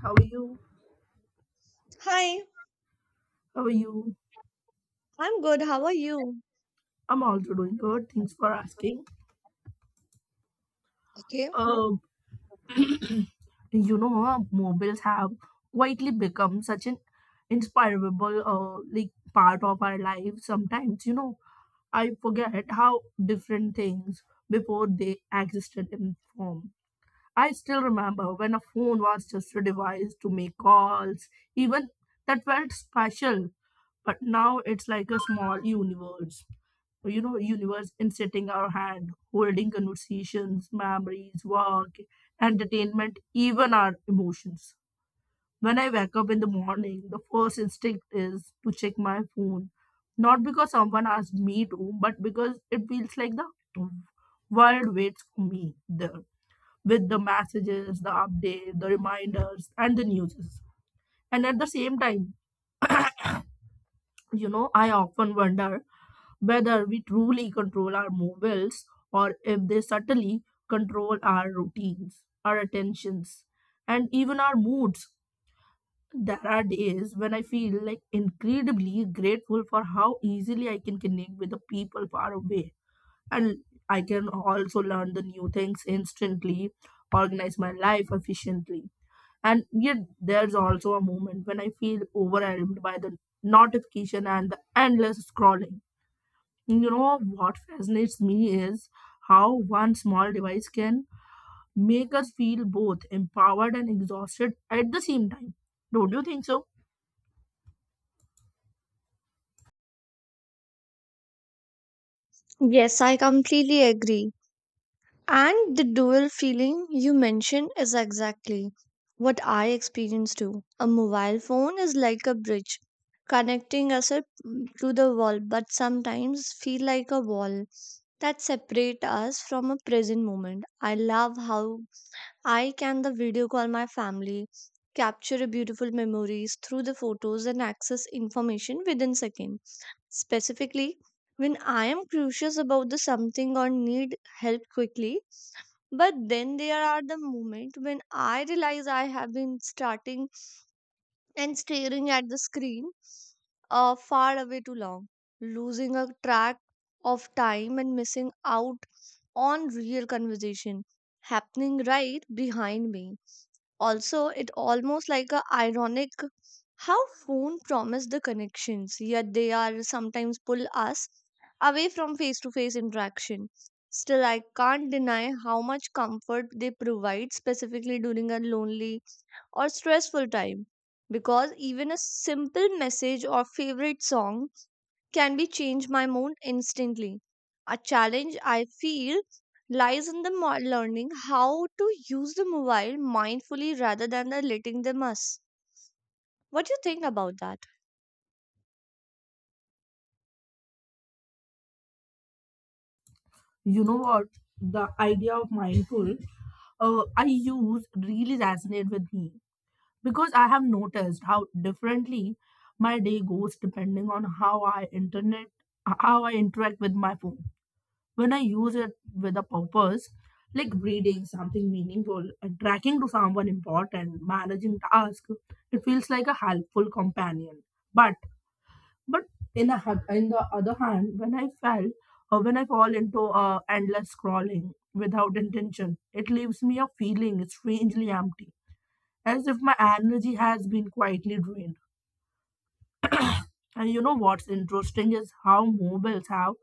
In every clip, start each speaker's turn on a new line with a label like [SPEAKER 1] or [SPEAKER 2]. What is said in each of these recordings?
[SPEAKER 1] How are you?
[SPEAKER 2] Hi,
[SPEAKER 1] How are you?
[SPEAKER 2] I'm good. How are you?
[SPEAKER 1] I'm also doing good. Thanks for asking.
[SPEAKER 2] Okay.
[SPEAKER 1] Uh, mobiles have quietly become such an inspirable like part of our life. Sometimes, I forget how different things before they existed in form. I still remember when a phone was just a device to make calls, even that felt special. But now it's like a small universe. Universe in sitting our hand, holding conversations, memories, work, entertainment, even our emotions. When I wake up in the morning, the first instinct is to check my phone. Not because someone asked me to, but because it feels like the world waits for me there with the messages, the update, the reminders, and the news. And at the same time, I often wonder whether we truly control our mobiles or if they subtly control our routines, our attentions, and even our moods. There are days when I feel like incredibly grateful for how easily I can connect with the people far away. And I can also learn the new things instantly, organize my life efficiently. And yet, there's also a moment when I feel overwhelmed by the notification and the endless scrolling. What fascinates me is how one small device can make us feel both empowered and exhausted at the same time. Don't you think so?
[SPEAKER 2] Yes, I completely agree. And the dual feeling you mentioned is exactly what I experience too. A mobile phone is like a bridge connecting us up to the world, but sometimes feel like a wall that separate us from a present moment. I love how I can the video call my family, capture beautiful memories through the photos and access information within seconds. Specifically, when I am curious about the something or need help quickly, but then there are the moment when I realize I have been starting and staring at the screen far away too long, losing a track of time and missing out on real conversation happening right behind me. Also, it almost like a ironic how phone promise the connections, yet they are sometimes pull us away from face to face interaction. Still, I can't deny how much comfort they provide, specifically during a lonely or stressful time. Because even a simple message or favorite song can be change my mood instantly. A challenge I feel lies in the learning how to use the mobile mindfully rather than the letting them us. What do you think about that?
[SPEAKER 1] You know what? The idea of mindful, I use really resonate with me because I have noticed how differently my day goes depending on how I interact with my phone when I use it with a purpose, like reading something meaningful, tracking to someone important, managing tasks, it feels like a helpful companion. But but in the other hand, when I fall into endless scrolling without intention, it leaves me a feeling strangely empty, as if my energy has been quietly drained. And you know what's interesting is how mobiles have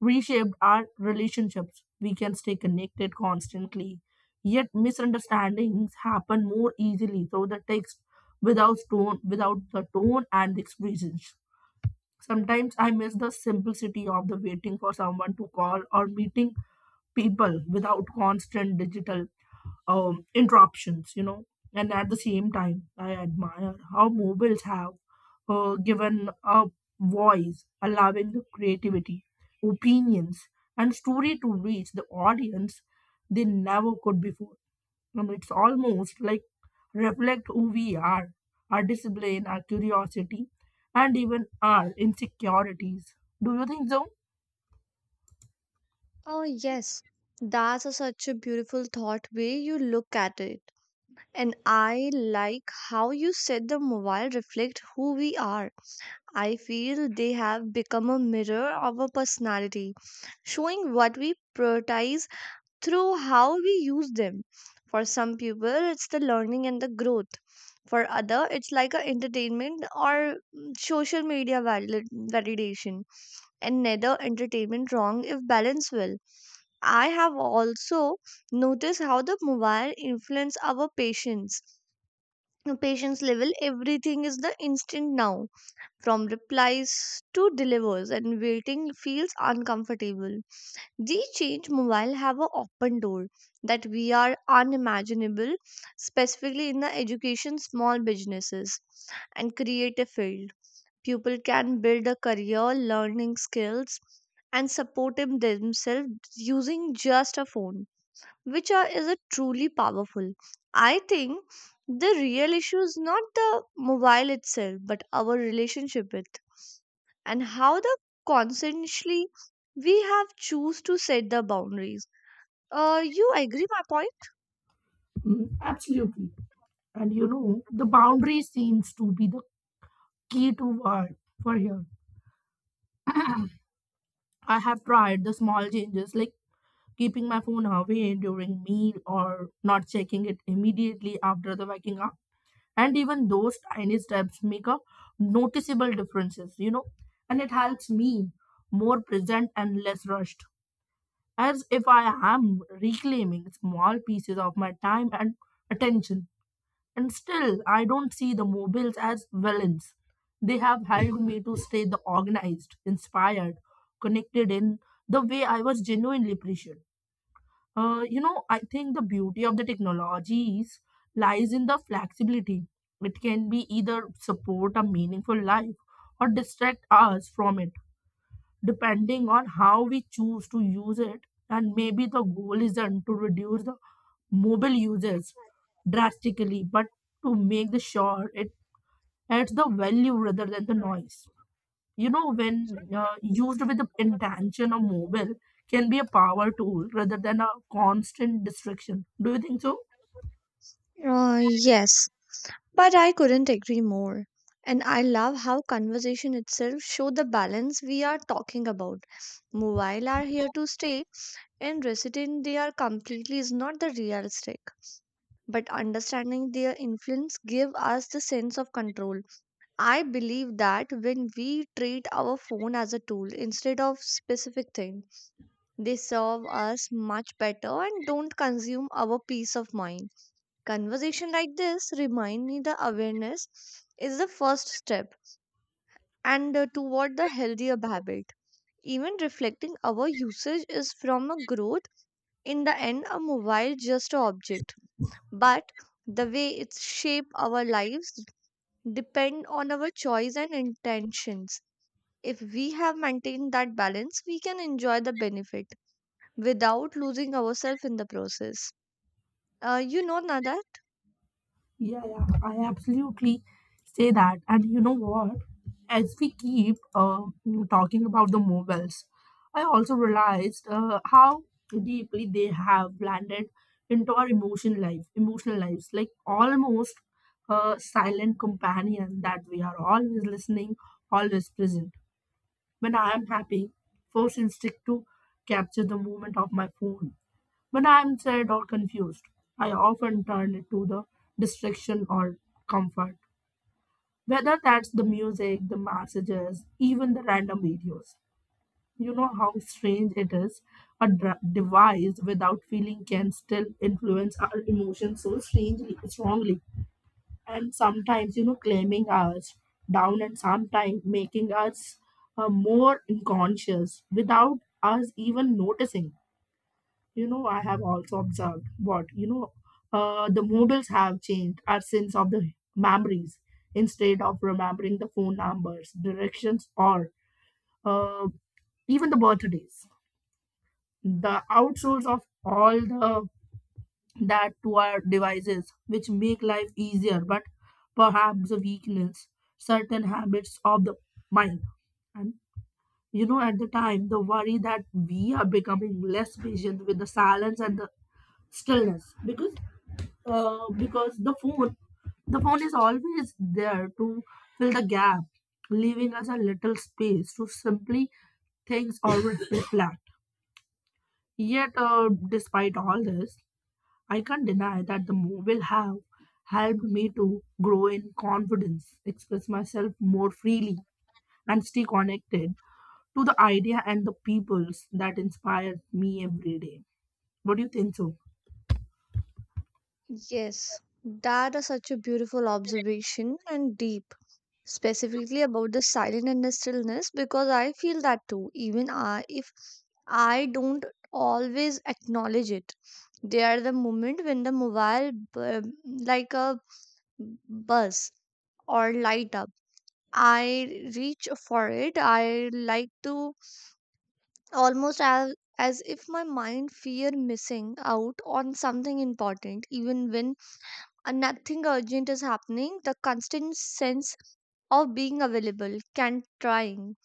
[SPEAKER 1] reshaped our relationships. We can stay connected constantly, yet misunderstandings happen more easily through the text without the tone and the expressions. Sometimes I miss the simplicity of the waiting for someone to call or meeting people without constant digital interruptions, And at the same time, I admire how mobiles have given a voice, allowing the creativity, opinions, and story to reach the audience they never could before. And it's almost like reflect who we are, our discipline, our curiosity, and even our insecurities. Do you think so?
[SPEAKER 2] Oh yes, that's a, such a beautiful thought way you look at it. And I like how you said the mobile reflect who we are. I feel they have become a mirror of our personality, showing what we prioritize through how we use them. For some people it's the learning and the growth, for other it's like a entertainment or social media validation, and neither entertainment wrong if balanced well. I have also noticed how the mobile influence our patience. The patience level, everything is the instant now, from replies to delivers, and waiting feels uncomfortable. These change mobile have an open door that we are unimaginable, specifically in the education, small businesses, and creative field. People can build a career, learning skills, and support them themselves using just a phone, which are, is a truly powerful. I think the real issue is not the mobile itself, but our relationship with, and how the consciously we have choose to set the boundaries. You agree my point?
[SPEAKER 1] Mm, absolutely. And you know, the boundary seems to be the key to what for here. I have tried the small changes like keeping my phone away during meal or not checking it immediately after the waking up. And even those tiny steps make a noticeable differences, and it helps me more present and less rushed. As if I am reclaiming small pieces of my time and attention. And still, I don't see the mobiles as villains. They have helped me to stay the organized, inspired, connected in the way I was genuinely appreciated. I think the beauty of the technologies lies in the flexibility. It can be either support a meaningful life or distract us from it depending on how we choose to use it. And maybe the goal isn't to reduce the mobile uses drastically, but to make the sure it adds the value rather than the noise. When used with the intention of mobile, can be a power tool rather than a constant distraction. Do you think so?
[SPEAKER 2] Yes, but I couldn't agree more. And I love how conversation itself show the balance we are talking about. Mobile are here to stay, and resident they are completely is not the realistic. But understanding their influence give us the sense of control. I believe that when we treat our phone as a tool instead of specific thing, they serve us much better and don't consume our peace of mind. Conversation like this remind me the awareness is the first step, and toward the healthier habit. Even reflecting our usage is from a growth. In the end, a mobile just a object, but the way it shape our lives depend on our choice and intentions. If we have maintained that balance, we can enjoy the benefit without losing ourselves in the process. Nada,
[SPEAKER 1] Yeah, yeah, I absolutely say that. And you know what? As we keep talking about the mobiles, I also realized how deeply they have blended into our emotional lives, like almost a silent companion that we are always listening, always present. When I am happy, first instinct to capture the moment of my phone when I am sad or confused, I often turn to the distraction or comfort. Whether that's the music, the messages, even the random videos. You know how strange it is? A device without feeling can still influence our emotions so strongly. And sometimes, you know, claiming us down and sometimes making us more unconscious without us even noticing you know I have also observed what you know The mobiles have changed our sense of the memories instead of remembering the phone numbers directions or uh, even the birthdays the outsource of all the that to our devices which make life easier but perhaps a weakness certain habits of the mind. And you know at the time the worry that we are becoming less patient with the silence and the stillness because uh, because the phone the phone is always there to fill the gap leaving us a little space to simply things or reflect. Yet despite all this I can't deny that the mobile have helped me to grow in confidence express myself more freely and stay connected to the idea and the peoples that inspire me every day. What do you think so?
[SPEAKER 2] yes, that is such a beautiful observation and deep, specifically about the silent and the stillness, because I feel that too, even I, if I don't always acknowledge it. They are the moment when the mobile, like a buzz or light up, I reach for it. I like to almost as if my mind fear missing out on something important, even when and nothing urgent is happening, the constant sense of being available can trying.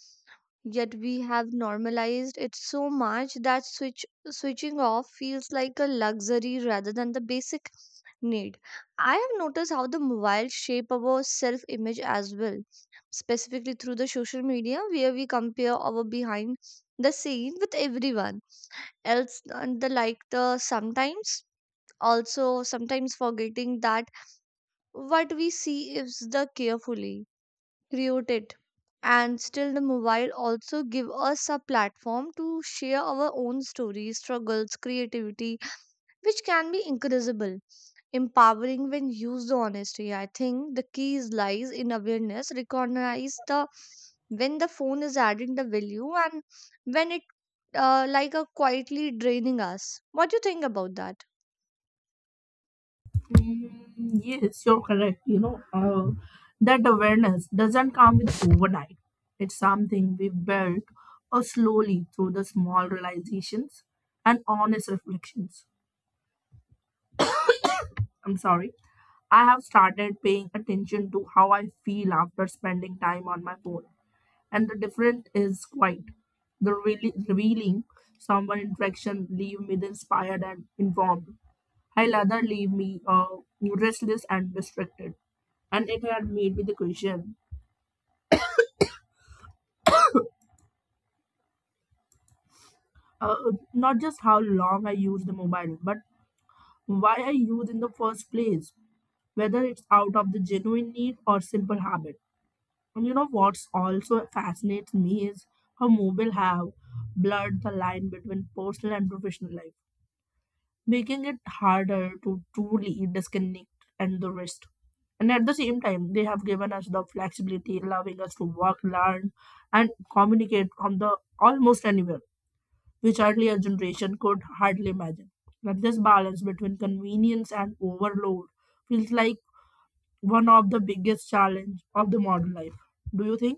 [SPEAKER 2] Yet we have normalized it so much that switching off feels like a luxury rather than the basic need. I have noticed how the mobile shape our self image as well, specifically through the social media where we compare our behind the scene with everyone else and the like the sometimes forgetting that what we see is the carefully created, and still the mobile also give us a platform to share our own stories, struggles, creativity, which can be incredible, empowering when used honestly. I think the key is lies in awareness, recognize the when the phone is adding the value and when it like a quietly draining us. What do you think about that?
[SPEAKER 1] Mm, yes, you're correct. You know, that awareness doesn't come with overnight. It's something we build slowly through the small realizations and honest reflections. I'm sorry. I have started paying attention to how I feel after spending time on my phone, and the difference is quite the really revealing someone interaction leave me the inspired and informed I rather leave me restless and distracted. And it had made me the question uh, not just how long I use the mobile, but why I use in the first place, whether it's out of the genuine need or simple habit. And you know what's also fascinates me is how mobile have blurred the line between personal and professional life making it harder to truly disconnect and the rest. And at the same time, they have given us the flexibility, allowing us to work, learn, and communicate from the almost anywhere, which earlier generation could hardly imagine. But this balance between convenience and overload feels like one of the biggest challenge of the modern life. Do you think?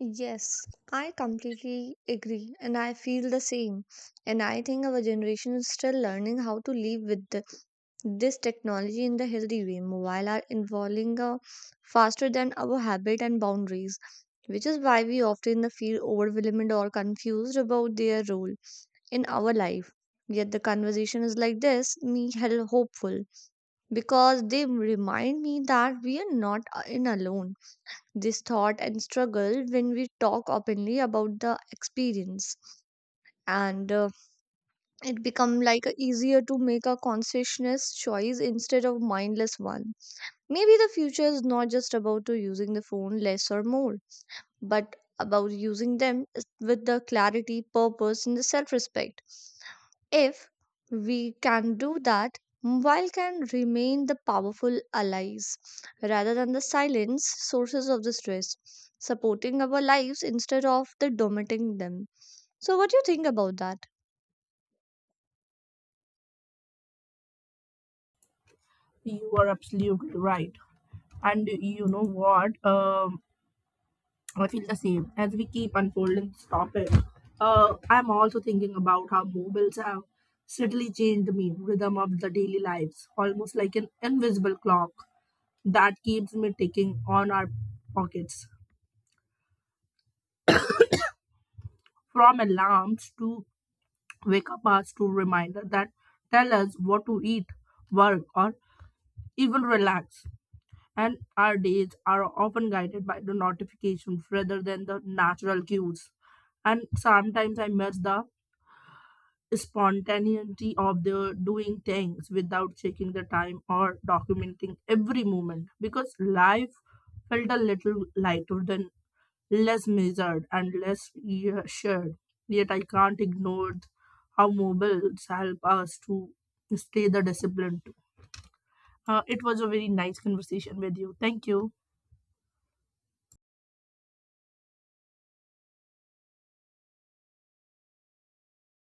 [SPEAKER 2] Yes, I completely agree, and I feel the same. And I think our generation is still learning how to live with the, this technology in the healthy way. Mobile are evolving faster than our habit and boundaries, which is why we often feel overwhelmed or confused about their role in our life. Yet the conversation is like this, me hell hopeful because they remind me that we are not in alone this thought and struggle. When we talk openly about the experience, and it become like a easier to make a conscientious choice instead of mindless one. Maybe the future is not just about to using the phone less or more, but about using them with the clarity, purpose, and the self respect. If we can do that, mobile can remain the powerful allies rather than the silence sources of the stress, supporting our lives instead of the dominating them. So, what do you think about that?
[SPEAKER 1] You are absolutely right. And you know what? I feel the same as we keep unfolding this topic. I'm also thinking about how mobiles have subtly changed the rhythm of the daily lives, almost like an invisible clock that keeps me ticking on our pockets. From alarms to wake up hours to reminder that tell us what to eat, work, or even relax. And our days are often guided by the notifications rather than the natural cues and sometimes I miss the spontaneity of the doing things without checking the time or documenting every moment because life felt a little lighter than less measured and less shared yet I can't ignore how mobiles help us to stay the discipline too. It was a very nice conversation with you thank you